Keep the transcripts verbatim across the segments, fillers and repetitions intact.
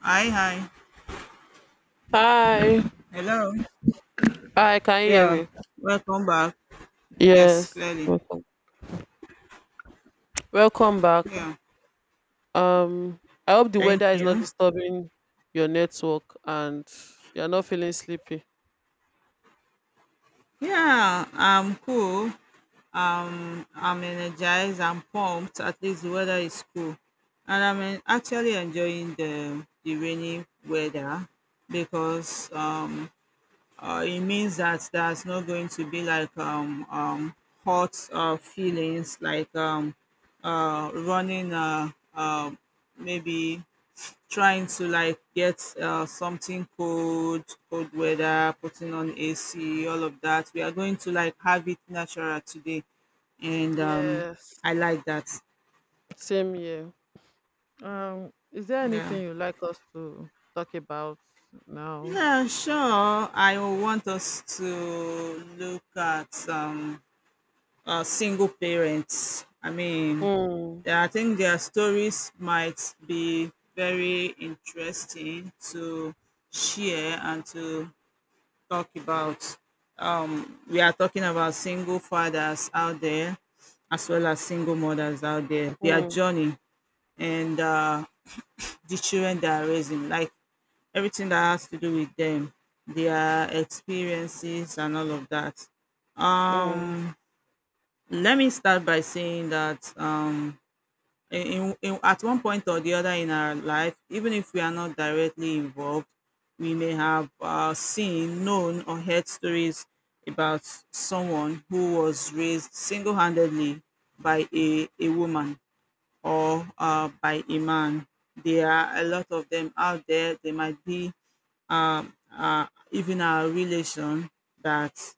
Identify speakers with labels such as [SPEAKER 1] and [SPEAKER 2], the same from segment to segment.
[SPEAKER 1] Hi, hi.
[SPEAKER 2] Hi.
[SPEAKER 1] Hello.
[SPEAKER 2] Hi, can you hear
[SPEAKER 1] Yeah.
[SPEAKER 2] me?
[SPEAKER 1] Welcome back. Yes,
[SPEAKER 2] Yes.
[SPEAKER 1] clearly.
[SPEAKER 2] Welcome. Welcome back.
[SPEAKER 1] Yeah.
[SPEAKER 2] Um I hope the
[SPEAKER 1] Thank
[SPEAKER 2] weather is not
[SPEAKER 1] you.
[SPEAKER 2] disturbing your network and you're not feeling sleepy.
[SPEAKER 1] Yeah, I'm cool. I'm energized. I'm pumped. At least the weather is cool. And I'm en- actually enjoying the, the rainy weather because um, uh, it means that there's not going to be like um, um, hot uh, feelings like um, uh, running uh, uh, maybe trying to like get uh, something cold, cold weather, putting on A C, all of that. We are going to like have it natural today, and um,
[SPEAKER 2] Yes.
[SPEAKER 1] I like that.
[SPEAKER 2] Same here. Um, is there
[SPEAKER 1] Yeah.
[SPEAKER 2] anything you'd like us to talk about now?
[SPEAKER 1] Yeah, sure. I will want us to look at um, uh, single parents. I mean,
[SPEAKER 2] Mm.
[SPEAKER 1] yeah, I think their stories might be very interesting to share and to talk about. We are talking about single fathers out there as well as single mothers out there, their
[SPEAKER 2] Mm.
[SPEAKER 1] journey and uh, the children they are raising, like everything that has to do with them, their experiences and all of that.
[SPEAKER 2] Mm.
[SPEAKER 1] Um, Let me start by saying that um, in, in, in at one point or the other in our life, even if we are not directly involved, we may have uh, seen, known, or heard stories about someone who was raised single handedly by a, a woman or uh, by a man. There are a lot of them out there. They might be um, uh, even our relation that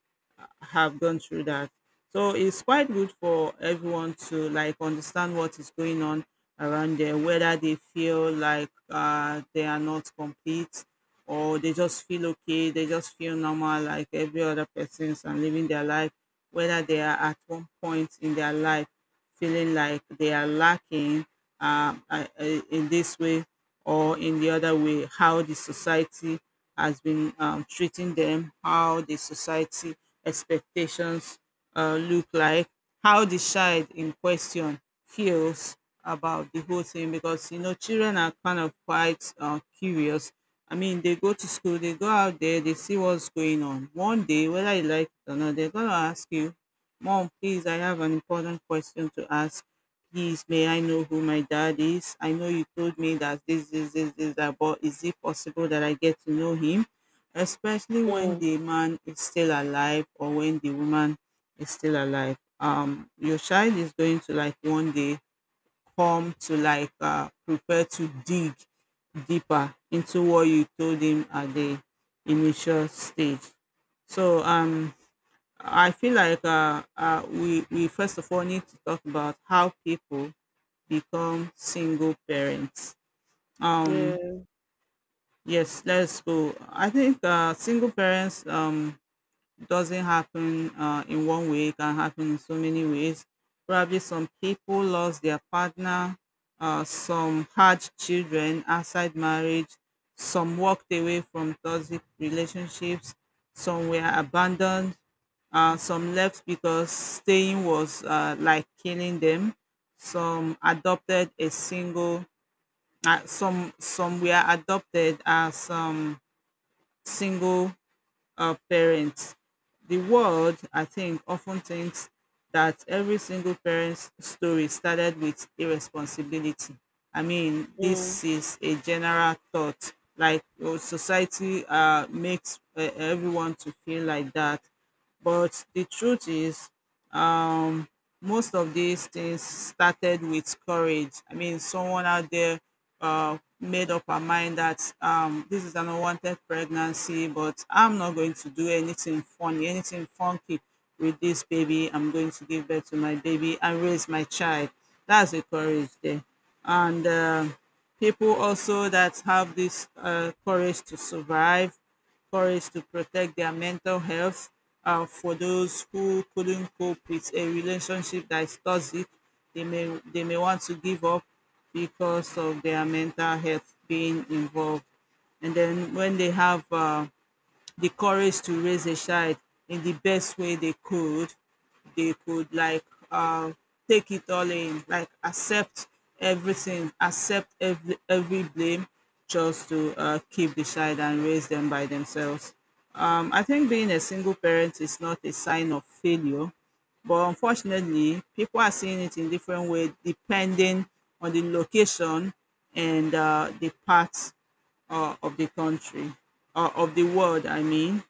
[SPEAKER 1] have gone through that. So it's quite good for everyone to like understand what is going on around there, whether they feel like uh, they are not complete or they just feel okay, they just feel normal like every other persons and living their life, whether they are at one point in their life feeling like they are lacking um, uh, uh, in this way or in the other way, how the society has been um, treating them, how the society expectations uh, look like, how the child in question feels about the whole thing because you know children are kind of quite uh, curious. I mean, they go to school, they go out there, they see what's going on. One day, whether you like it or not, they're gonna ask you, Mom, please, I have an important question to ask. Please, may I know who my dad is? I know you told me that this, this, this, this, that, but is it possible that I get to know him? Especially when
[SPEAKER 2] Mm.
[SPEAKER 1] the man is still alive or when the woman is still alive. Um, your child is going to like one day come to like uh, prepare to dig deeper into what you told him at the initial stage. So um I feel like uh, uh, we, we first of all need to talk about how people become single parents. Um,
[SPEAKER 2] Yeah.
[SPEAKER 1] yes, let's go. I think uh, single parents um, doesn't happen uh, in one way, it can happen in so many ways. Probably some people lost their partner, uh, some had children outside marriage, some walked away from toxic relationships, some were abandoned, uh, some left because staying was uh, like killing them. Some adopted a single, uh, some some were adopted as um, single our parents. The world, I think, often thinks that every single parent's story started with irresponsibility. I mean,
[SPEAKER 2] Mm.
[SPEAKER 1] this is a general thought. Like your society uh, makes uh, everyone to feel like that. But the truth is, um, most of these things started with courage. I mean, someone out there uh, made up her mind that um, this is an unwanted pregnancy, but I'm not going to do anything funny, anything funky with this baby. I'm going to give birth to my baby and raise my child. That's the courage there. And uh, people also that have this uh, courage to survive, courage to protect their mental health, uh, for those who couldn't cope with a relationship that is toxic, they may they may want to give up because of their mental health being involved, and then when they have uh, the courage to raise a child in the best way they could. They could like um take it all in, like accept everything, accept every every blame, just to uh, keep the child and raise them by themselves. Um, I think being a single parent is not a sign of failure, but unfortunately, people are seeing it in different ways depending on the location and uh, the parts uh, of the country, uh, of the world, I mean.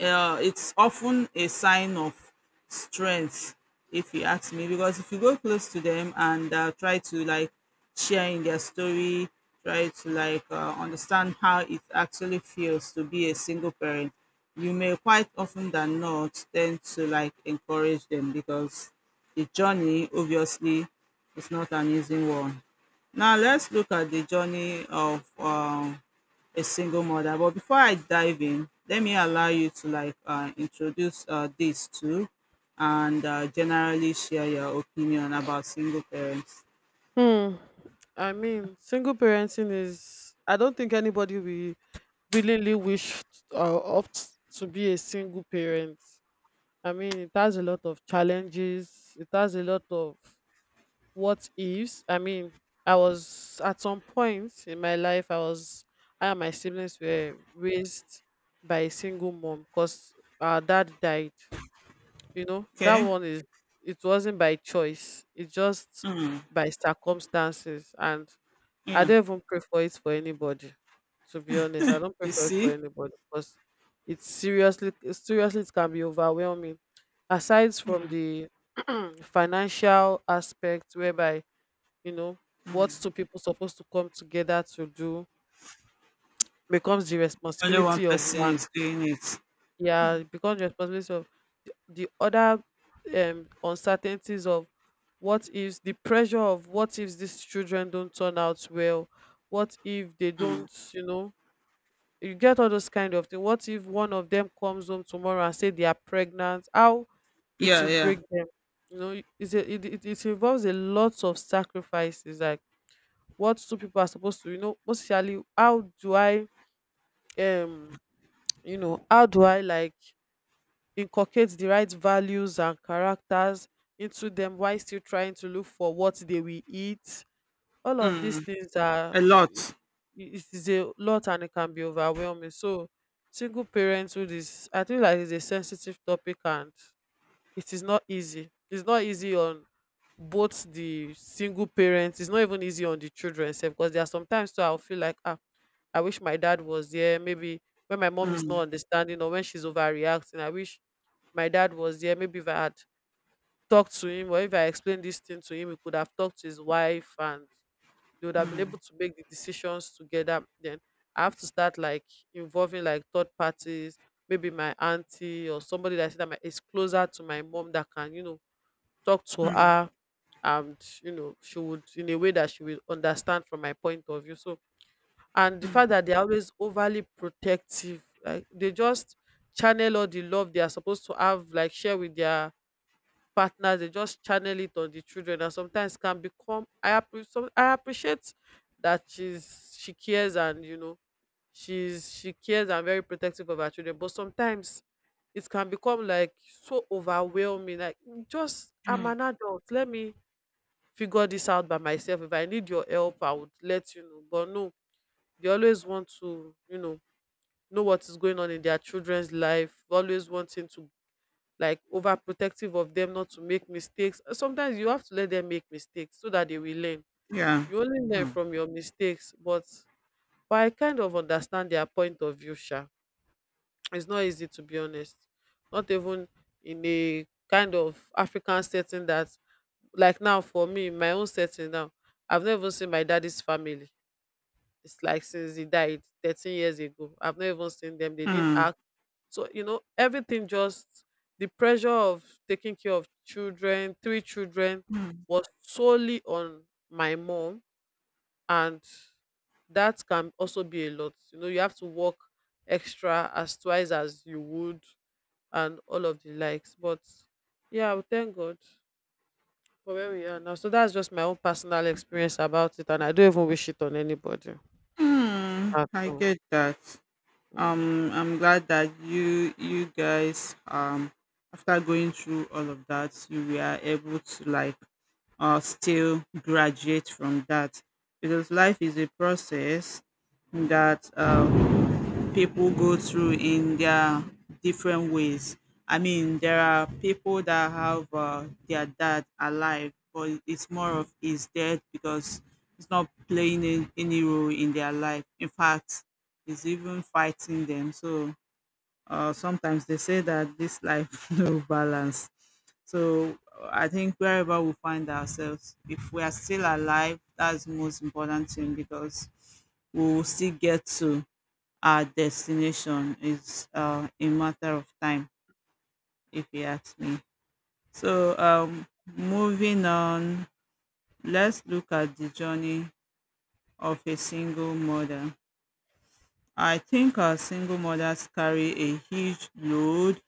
[SPEAKER 1] Uh, it's often a sign of strength if you ask me because if you go close to them and uh, try to like share in their story, try to like uh, understand how it actually feels to be a single parent, you may quite often than not tend to like encourage them because the journey obviously is not an easy one. Now let's look at the journey of um, a single mother. But before I dive in, let me allow you to like uh, introduce uh, this too, and uh, generally share your opinion about single parents.
[SPEAKER 2] Hmm. I mean, single parenting is, I don't think anybody will willingly wish or opt to be a single parent. I mean, it has a lot of challenges. It has a lot of what ifs. I mean, I was at some point in my life, I was, I and my siblings were raised by a single mom because our dad died. You know, that
[SPEAKER 1] Okay.
[SPEAKER 2] one is, it wasn't by choice, it just
[SPEAKER 1] Mm.
[SPEAKER 2] by circumstances. And I
[SPEAKER 1] Yeah.
[SPEAKER 2] don't even pray for it for anybody. To be honest, I don't pray
[SPEAKER 1] You
[SPEAKER 2] for it for
[SPEAKER 1] see,
[SPEAKER 2] anybody because, it's seriously, seriously, it can be overwhelming. Aside from the financial aspect, whereby, you know, what two people supposed to come together to do becomes the
[SPEAKER 1] only one
[SPEAKER 2] responsibility of
[SPEAKER 1] person
[SPEAKER 2] one.
[SPEAKER 1] is doing it.
[SPEAKER 2] Yeah, it becomes the responsibility of the, the other. Um, uncertainties of what if, the pressure of what if these children don't turn out well, what if they don't, you know, you get all those kind of thing. What if one of them comes home tomorrow and say they are pregnant? How it
[SPEAKER 1] Yeah.
[SPEAKER 2] will
[SPEAKER 1] Yeah.
[SPEAKER 2] break them? You know, it's a, it, it it involves a lot of sacrifices. Like what two people are supposed to, you know, mostly how do I um you know how do I, like, inculcate the right values and characters into them while still trying to look for what they will eat. All of these things are,
[SPEAKER 1] A lot.
[SPEAKER 2] it, it is a lot and it can be overwhelming. So single parenthood is, I think, like, is a sensitive topic, and it is not easy, it's not easy on both the single parents. It's not even easy on the children sef, because there are sometimes too I'll feel like, ah, I wish my dad was there. Maybe when my mom is not
[SPEAKER 1] Mm.
[SPEAKER 2] understanding or when she's overreacting, I wish my dad was there. Maybe if I had talked to him, or if I explained this thing to him, he could have talked to his wife and they would have been able to make the decisions together. Then I have to start like involving like third parties, maybe my auntie or somebody that I see that my, is closer to my mom, that can, you know, talk to her, and, you know, she would, in a way that she will understand from my point of view. So, and the fact that they're always overly protective, like they just channel all the love they are supposed to have like share with their partners, they just channel it on the children, and sometimes can become, I appre- some I appreciate that she's she cares, and, you know, she's she cares and very protective of her children. But sometimes it can become like so overwhelming. Like, "Mm, just, I'm an adult. Let me figure this out by myself. If I need your help, I would let you know." But no, they always want to, you know, know what is going on in their children's life, always wanting to like overprotective of them not to make mistakes. Uh, Sometimes you have to let them make mistakes so that they will learn.
[SPEAKER 1] Yeah.
[SPEAKER 2] You only learn
[SPEAKER 1] Mm.
[SPEAKER 2] from your mistakes, but but I kind of understand their point of view, Sha. It's not easy, to be honest. Not even in a kind of African setting that, like, now for me, in my own setting now, I've never even seen my daddy's family. It's like since he died thirteen years ago. I've never even seen them. They didn't
[SPEAKER 1] Mm.
[SPEAKER 2] ask. So, you know, everything just, the pressure of taking care of children, three children,
[SPEAKER 1] Mm.
[SPEAKER 2] was solely on my mom. And that can also be a lot. You know, you have to work extra as twice as you would and all of the likes. But yeah, we thank God for where we are now. So that's just my own personal experience about it. And I don't even wish it on anybody
[SPEAKER 1] Mm.
[SPEAKER 2] at
[SPEAKER 1] I
[SPEAKER 2] all.
[SPEAKER 1] get that.
[SPEAKER 2] Mm.
[SPEAKER 1] um I'm glad that you you guys um after going through all of that you were able to like uh still graduate from that because life is a process that um people go through in their different ways. I mean, there are people that have uh, their dad alive, but it's more of his death because he's not playing any any role in their life. In fact, he's even fighting them. So uh, sometimes they say that this life no balance. So uh, I think wherever we find ourselves, if we are still alive, that's the most important thing because we will still get to our destination. Is uh, a matter of time if you ask me. So um, moving on, let's look at the journey of a single mother. I think our single mothers carry a huge load.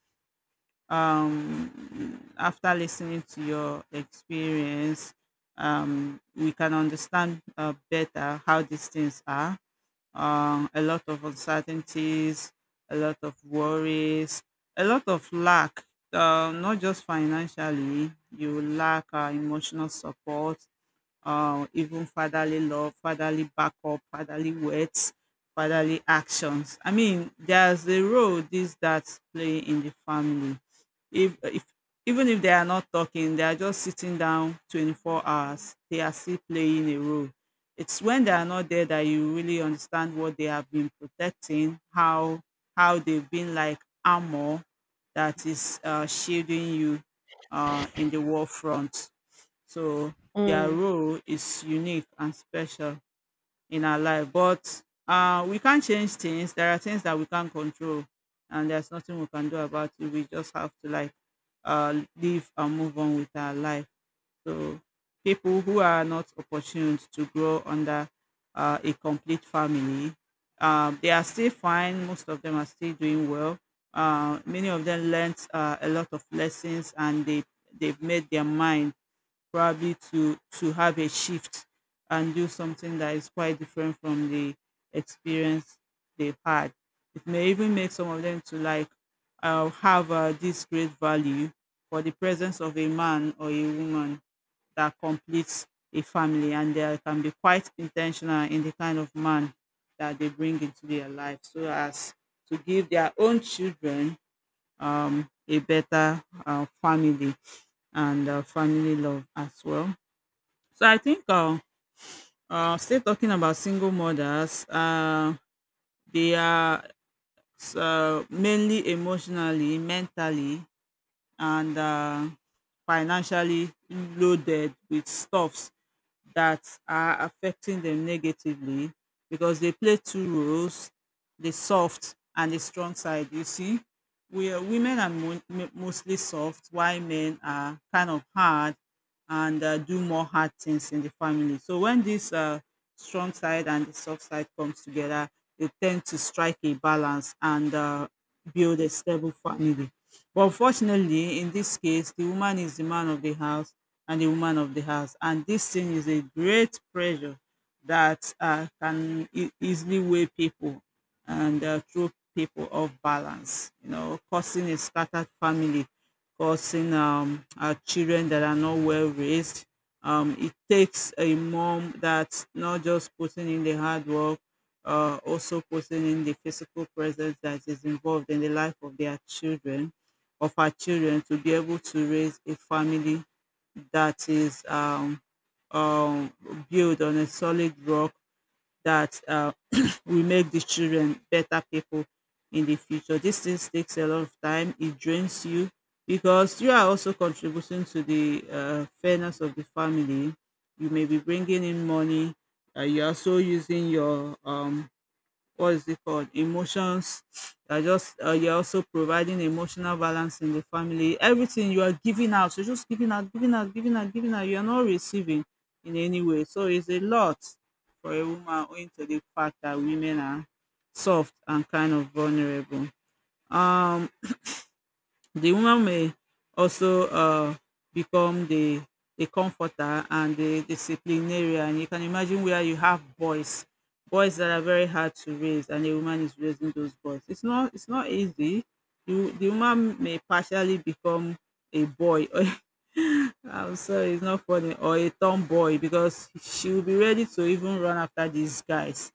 [SPEAKER 1] um, After listening to your experience, um, we can understand uh, better how these things are. Um, a lot of uncertainties, a lot of worries, a lot of lack, uh, not just financially, you lack uh, emotional support, uh, even fatherly love, fatherly backup, fatherly words, fatherly actions. I mean, there's a role these dads play in the family. If, if even if they are not talking, they are just sitting down twenty-four hours. They are still playing a role. It's when they are not there that you really understand what they have been protecting, how how they've been like armor that is uh, shielding you uh, in the war front. So their
[SPEAKER 2] Mm.
[SPEAKER 1] role is unique and special in our life. But uh, we can't change things. There are things that we can't control, and there's nothing we can do about it. We just have to like uh, live and move on with our life. So people who are not opportune to grow under uh, a complete family, um, they are still fine. Most of them are still doing well. Uh, many of them learnt uh, a lot of lessons, and they they've made their mind probably to to have a shift and do something that is quite different from the experience they've had. It may even make some of them to like uh, have uh, this great value for the presence of a man or a woman that completes a family, and they can be quite intentional in the kind of man that they bring into their life, so as to give their own children um, a better uh, family and uh, family love as well. So I think uh, uh, still talking about single mothers, uh, they are uh, mainly emotionally, mentally, and uh, financially loaded with stuffs that are affecting them negatively because they play two roles, the soft and the strong side. You see, we are, women are mo- mo- mostly soft, while men are kind of hard and uh, do more hard things in the family. So when this uh, strong side and the soft side comes together, they tend to strike a balance and uh, build a stable family. But unfortunately, in this case, the woman is the man of the house and the woman of the house, and this thing is a great pressure that uh, can e- easily weigh people and uh, through people of balance, you know, causing a scattered family, causing um, uh, children that are not well raised. Um, it takes a mom that's not just putting in the hard work, uh, also putting in the physical presence that is involved in the life of their children, of our children, to be able to raise a family that is um, um, built on a solid rock that uh, will make the children better people in the future. This things takes a lot of time. It drains you because you are also contributing to the uh, fairness of the family. You may be bringing in money. Uh, you're also using your um, what is it called emotions. You're just uh, you're also providing emotional balance in the family. Everything you are giving out, you're just giving out, giving out, giving out, giving out. You're not receiving in any way, so it's a lot for a woman, owing to the fact that women are soft and kind of vulnerable. um the woman may also uh, become the, the comforter and the disciplinarian. You can imagine where you have boys, boys that are very hard to raise, and a woman is raising those boys. It's not it's not easy. You, the woman, may partially become a boy. I'm sorry, it's not funny. Or a tomboy, because she will be ready to even run after these guys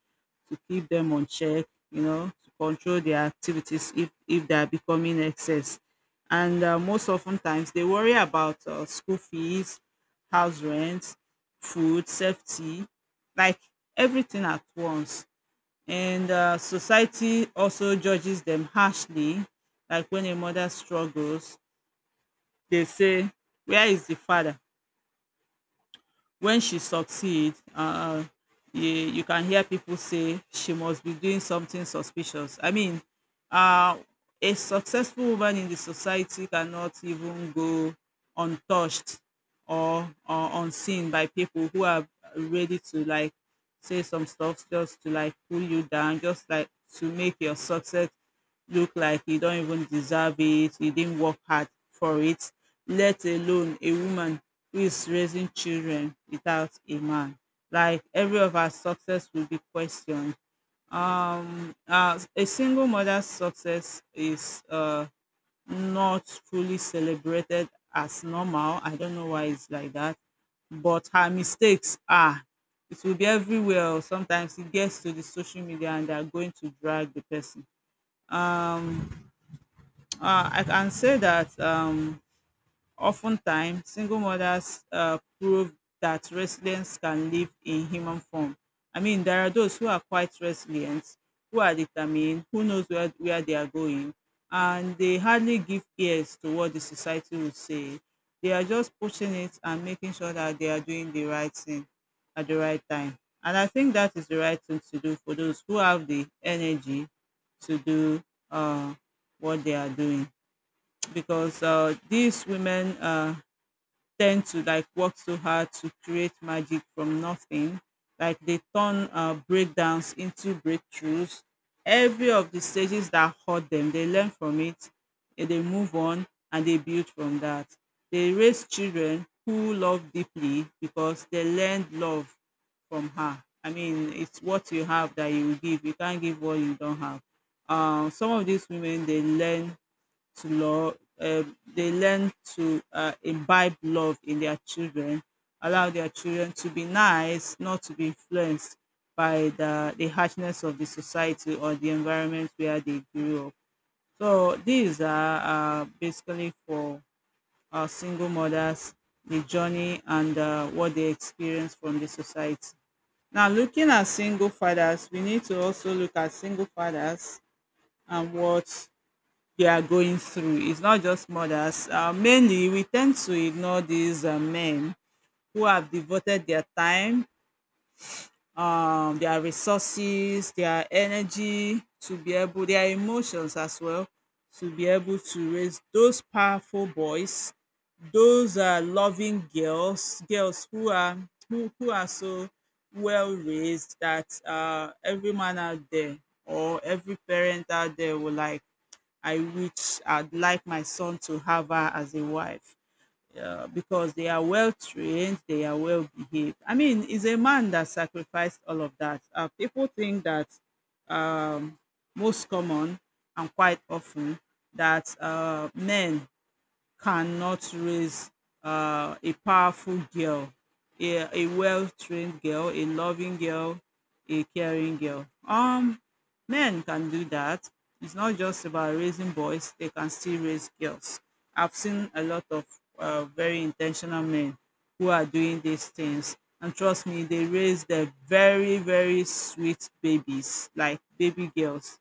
[SPEAKER 1] to keep them on check, you know, to control their activities if, if they are becoming excess. And uh, most often times they worry about uh, school fees, house rent, food, safety, like everything at once. And uh, society also judges them harshly. Like when a mother struggles, they say, "Where is the father?" When she succeed, uh, you, you can hear people say she must be doing something suspicious. I mean, uh, a successful woman in the society cannot even go untouched, or, or unseen by people who are ready to, like, say some stuff just to, like, pull you down, just like to make your success look like you don't even deserve it, you didn't work hard for it, let alone a woman who is raising children without a man. Like every of our success will be questioned. Uh, a single mother's success is uh, not fully celebrated as normal. I don't know why it's like that, but her mistakes are. It will be everywhere. Or sometimes it gets to the social media and they are going to drag the person. Uh, I can say that um, oftentimes, single mothers uh, prove that resilience can live in human form. I mean, there are those who are quite resilient, who are determined, who knows where, where they are going, and they hardly give ears to what the society would say. They are just pushing it and making sure that they are doing the right thing at the right time. And I think that is the right thing to do for those who have the energy to do uh, what they are doing, because uh, these women uh, tend to, like, work so hard to create magic from nothing. Like they turn uh, breakdowns into breakthroughs. Every of the stages that hurt them, they learn from it, and they move on and they build from that. They raise children who love deeply, because they learned love from her. I mean, it's what you have that you will give. You can't give what you don't have. Um, some of these women, they learn to law, um, they learn to uh, imbibe love in their children, allow their children to be nice, not to be influenced by the, the harshness of the society or the environment where they grew up. So these are uh, basically for our single mothers, the journey and uh, what they experience from the society. Now, looking at single fathers, we need to also look at single fathers and what they are going through. It's not just mothers. Uh, mainly, we tend to ignore these uh, men who have devoted their time, um, their resources, their energy to be able, their emotions as well, to be able to raise those powerful boys, those uh, loving girls, girls who are who, who are so well raised that uh, every man out there or every parent out there will, like, "I wish I'd like my son to have her as a wife," uh, because they are well trained, they are well behaved. I mean, it's a man that sacrificed all of that. Uh, people think that most common and quite often that uh, men cannot raise uh, a powerful girl, a, a well-trained girl, a loving girl, a caring girl. Um, men can do that. It's not just about raising boys; they can still raise girls. I've seen a lot of uh, very intentional men who are doing these things, and trust me, they raise their very, very sweet babies, like baby girls.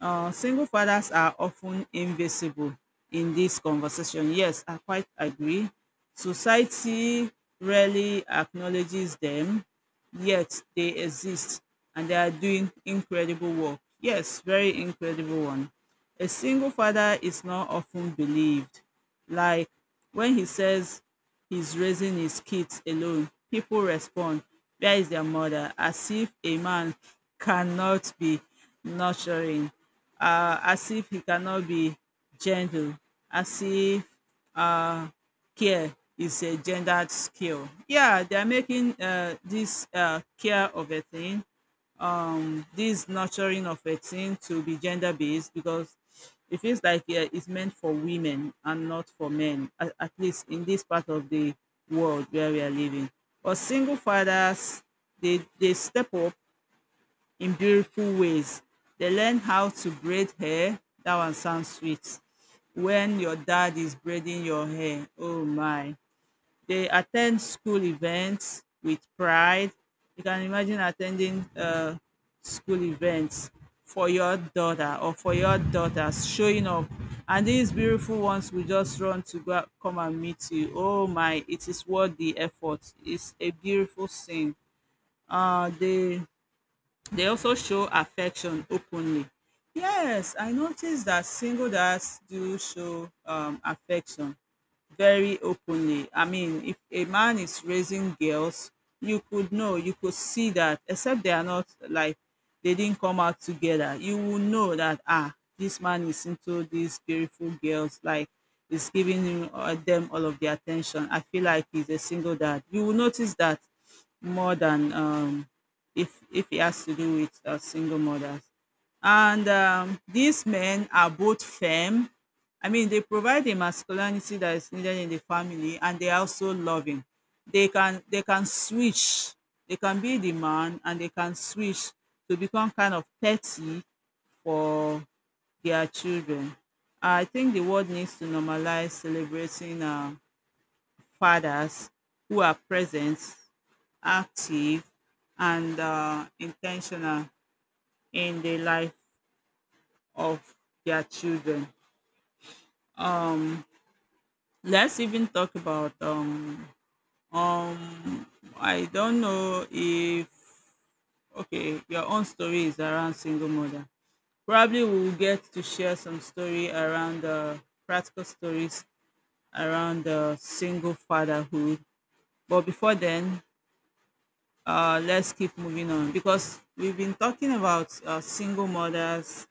[SPEAKER 1] uh, Single fathers are often invisible in this conversation. Yes, I quite agree. Society rarely acknowledges them, yet they exist and they are doing incredible work. Yes, very incredible one. A single father is not often believed. Like when he says he's raising his kids alone, people respond, "Where is their mother?" As if a man cannot be nurturing, uh, as if he cannot be gentle, as if care is a gendered skill. Yeah, they are making uh, this uh, care of a thing, this nurturing of a thing, to be gender based, because it feels like, yeah, it's meant for women and not for men, at, at least in this part of the world where we are living. But single fathers, they, they step up in beautiful ways. They learn how to braid hair. That one sounds sweet. When your dad is braiding your hair, oh my. They attend school events with pride. You can imagine attending uh school events for your daughter or for your daughters, showing up, and these beautiful ones will just run to go come and meet you. Oh my, it is worth the effort. It's a beautiful scene. um they. They also show affection openly. Yes, I noticed that single dads do show um, affection very openly. I mean, if a man is raising girls, you could know, you could see that, except they are not like they didn't come out together. You will know that, ah, this man is into these beautiful girls, like, is giving him, uh, them all of the attention. I feel like he's a single dad. You will notice that more than um, if if it has to do with uh, single mothers. And um, these men are both firm. I mean, they provide the masculinity that is needed in the family, and they are also loving. They can they can switch. They can be the man, and they can switch to become kind of petty for their children. I think the world needs to normalize celebrating uh, fathers who are present, active, and uh, intentional in the life of their children. Let's even talk about um um I don't know if, okay, your own story is around single mother. Probably we will get to share some story around uh, practical stories around uh, single fatherhood. But before then, uh, let's keep moving on, because we've been talking about uh, single mothers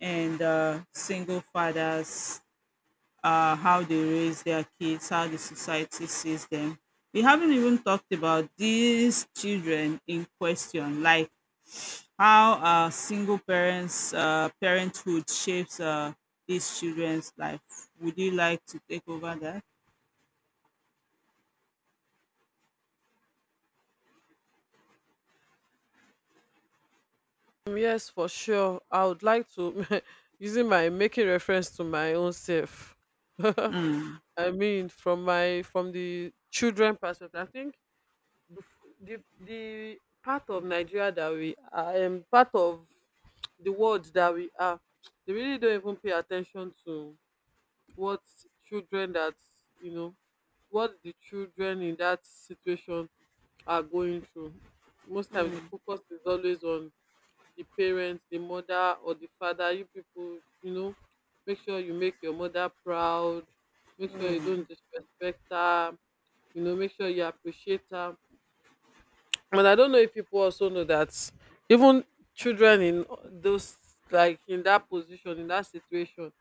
[SPEAKER 1] and uh, single fathers, uh, how they raise their kids, how the society sees them. We haven't even talked about these children in question, like how uh, single parents uh, parenthood shapes uh, these children's life. Would you like to take over that?
[SPEAKER 2] Mm, yes, for sure. I would like to using my making reference to my own self. I mean, from my from the children perspective, I think the the, the part of Nigeria that we are, um, part of the world that we are, they really don't even pay attention to what children that you know what the children in that situation are going through. Most times, the focus is always on the parents, the mother or the father, you people, you know, make sure you make your mother proud, make sure you don't disrespect her, you know, make sure you appreciate her. But I don't know if people also know that even children in those, like, in that position, in that situation,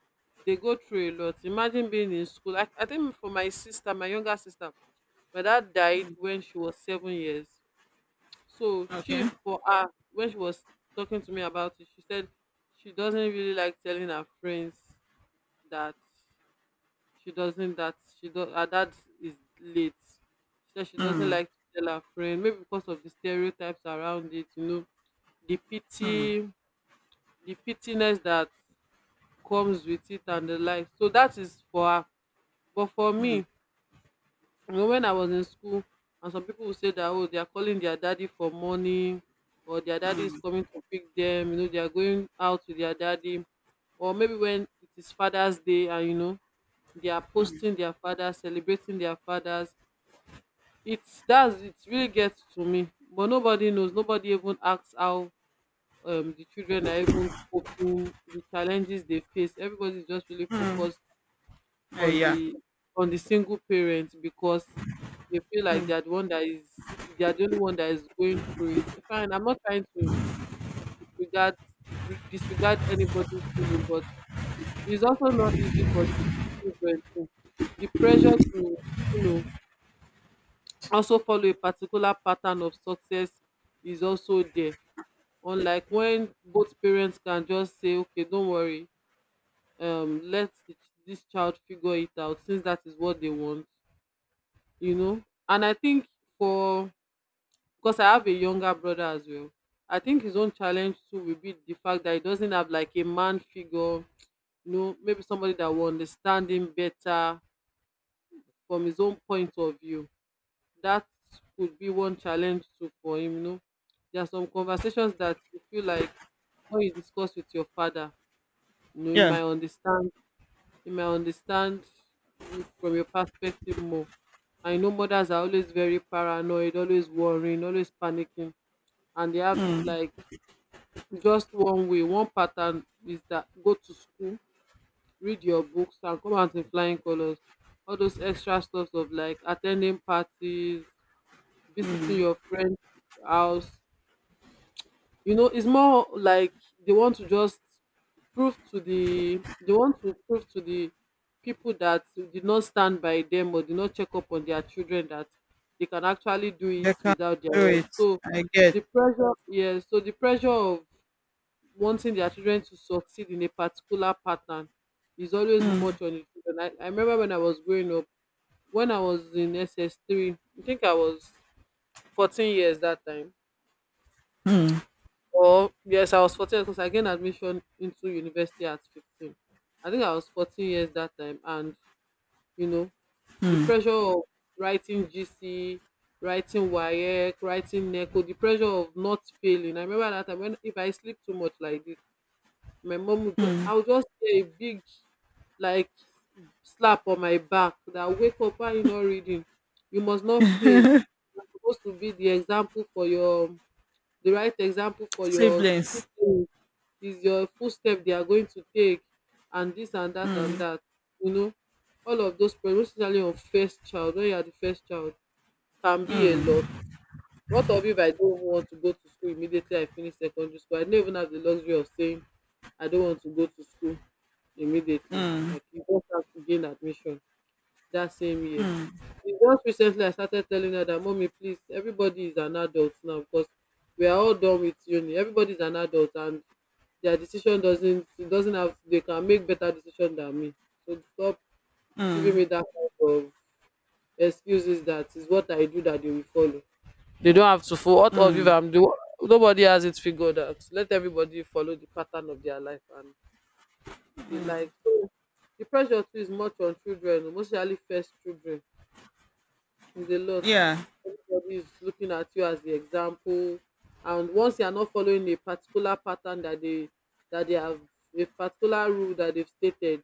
[SPEAKER 2] they go through a lot. Imagine being in school. I, I think for my sister, my younger sister, my dad died when she was seven years. So she,
[SPEAKER 1] Okay.
[SPEAKER 2] for her, when she was talking to me about it, she said she doesn't really like telling her friends that, she doesn't that she do her dad is late. She said she doesn't like to tell her friend, maybe because of the stereotypes around it, you know, the pity the pittiness that comes with it and the like. So that is for her. But for me, you know, when I was in school, and some people would say that, oh, they are calling their daddy for money, or their daddy is coming to pick them, you know, they are going out with their daddy, or maybe when it is Father's Day and, you know, they are posting their fathers, celebrating their fathers. It's that's it really gets to me, but nobody knows, nobody even asks how um, the children are even coping, the challenges they face. Everybody's just really focused
[SPEAKER 1] Uh,
[SPEAKER 2] on
[SPEAKER 1] yeah.
[SPEAKER 2] the on the single parent because they feel like they are the one that is they are the only one that is going through it. Fine, I'm not trying to disregard disregard anybody's feeling, but it's also not easy for children to the pressure to, you know, also follow a particular pattern of success is also there. Unlike when both parents can just say, okay, don't worry, um, let the, ch- this child figure it out since that is what they want, you know. And I think for because I have a younger brother as well, I think his own challenge too will be the fact that he doesn't have like a man figure, you know, maybe somebody that will understand him better from his own point of view. That could be one challenge too for him, you know. There are some conversations that you feel like when you discuss with your father, you know, he
[SPEAKER 1] Yeah.
[SPEAKER 2] might understand he might understand you from your perspective more. I know mothers are always very paranoid, always worrying, always panicking, and they have, like, just one way, one pattern is that go to school, read your books, and come out in flying colors. All those extra stuff of like attending parties, visiting your friend's house, you know, it's more like they want to just prove to the they want to prove to the people that did not stand by them or did not check up on their children, that they can actually do it
[SPEAKER 1] They can
[SPEAKER 2] without their
[SPEAKER 1] do
[SPEAKER 2] help.
[SPEAKER 1] it.
[SPEAKER 2] So
[SPEAKER 1] I get
[SPEAKER 2] the pressure yeah, so the pressure of wanting their children to succeed in a particular pattern is always much on the children. I, I remember when I was growing up, when I was in S S three, I think I was fourteen years that time. Or yes, I was fourteen because I gained admission into university at fifteen. I think I was fourteen years that time, and, you know, the pressure of writing G C, writing WAEC, writing NECO, the pressure of not failing. I remember that time when if I sleep too much like this, my mom would just I would just get a big, like, slap on my back. That, wake up, why you not reading, you must not fail, you're supposed to be the example for your the right example for your
[SPEAKER 1] siblings.
[SPEAKER 2] siblings, is your footstep they are going to take, and this and that and that, you know. All of those pressure, especially on first child, when you are the first child, can be a lot. What of if I don't want to go to school, immediately I finish secondary school? I don't even have the luxury of saying I don't want to go to school. Immediately, like, you just have to gain admission that same year. It's just recently I started telling her that, mommy, please, everybody is an adult now, because we are all done with uni. Everybody is an adult and their decision doesn't it doesn't have they can make better decision than me. So stop giving me that kind of excuses, that is what I do that they will follow. They don't have to follow what all of you I'm doing. Nobody has it figured out. Let everybody follow the pattern of their life and the like. So the pressure too is much on children, mostly first children. It's a lot.
[SPEAKER 1] Yeah.
[SPEAKER 2] Everybody is looking at you as the example. And once you are not following a particular pattern that they that they have a particular rule that they've stated,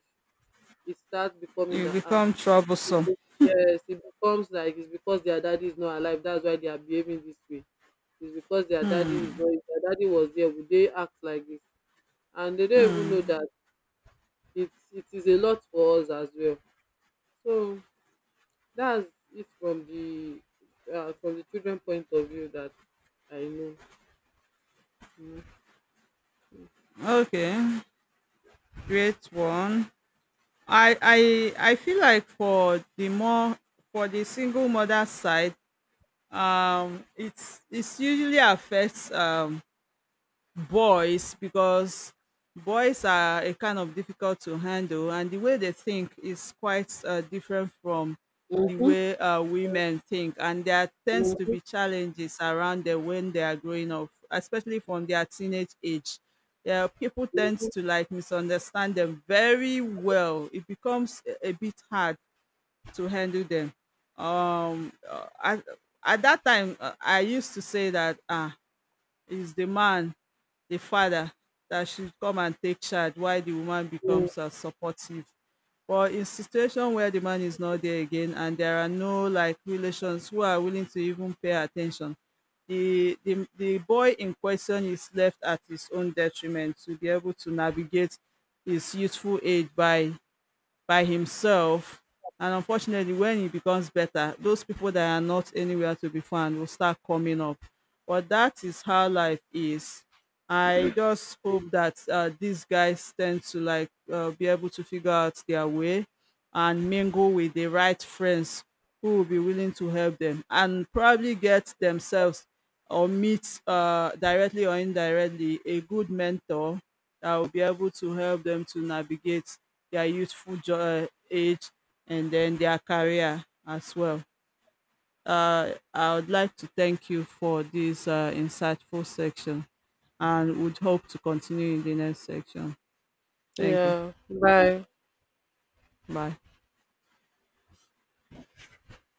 [SPEAKER 2] it starts becoming
[SPEAKER 1] You
[SPEAKER 2] that, ah
[SPEAKER 1] become troublesome.
[SPEAKER 2] yes, it becomes like it's because their daddy is not alive, that's why they are behaving this way. It's because their daddy is not If their daddy was there, would they act like this? And they don't even know that it's it is a lot for us as well. So that's it from the uh, from the children point of view that I know mm.
[SPEAKER 1] Okay. Great one. I I I feel like for the more for the single mother side, um, it's it's usually affects um boys, because boys are a kind of difficult to handle, and the way they think is quite uh, different from the
[SPEAKER 2] Mm-hmm.
[SPEAKER 1] way uh, women think, and there tends to be challenges around them when they are growing up, especially from their teenage age. Yeah, people tend to, like, misunderstand them very well. It becomes a, a bit hard to handle them. um uh, at, at that time, uh, I used to say that ah is the man, the father, that should come and take charge while the woman
[SPEAKER 2] Mm-hmm.
[SPEAKER 1] becomes uh, supportive. But in situation where the man is not there again, and there are no like relations who are willing to even pay attention, the, the, the boy in question is left at his own detriment to be able to navigate his youthful age by by himself. And unfortunately, when he becomes better, those people that are not anywhere to be found will start coming up. But that is how life is. I just hope that uh, these guys tend to, like, uh, be able to figure out their way and mingle with the right friends who will be willing to help them, and probably get themselves or meet uh, directly or indirectly a good mentor that will be able to help them to navigate their youthful jo- uh, age, and then their career as well. Uh, I would like to thank you for this uh, insightful section and would hope to continue in the next section. Thank you.
[SPEAKER 2] Yeah, bye.
[SPEAKER 1] Bye.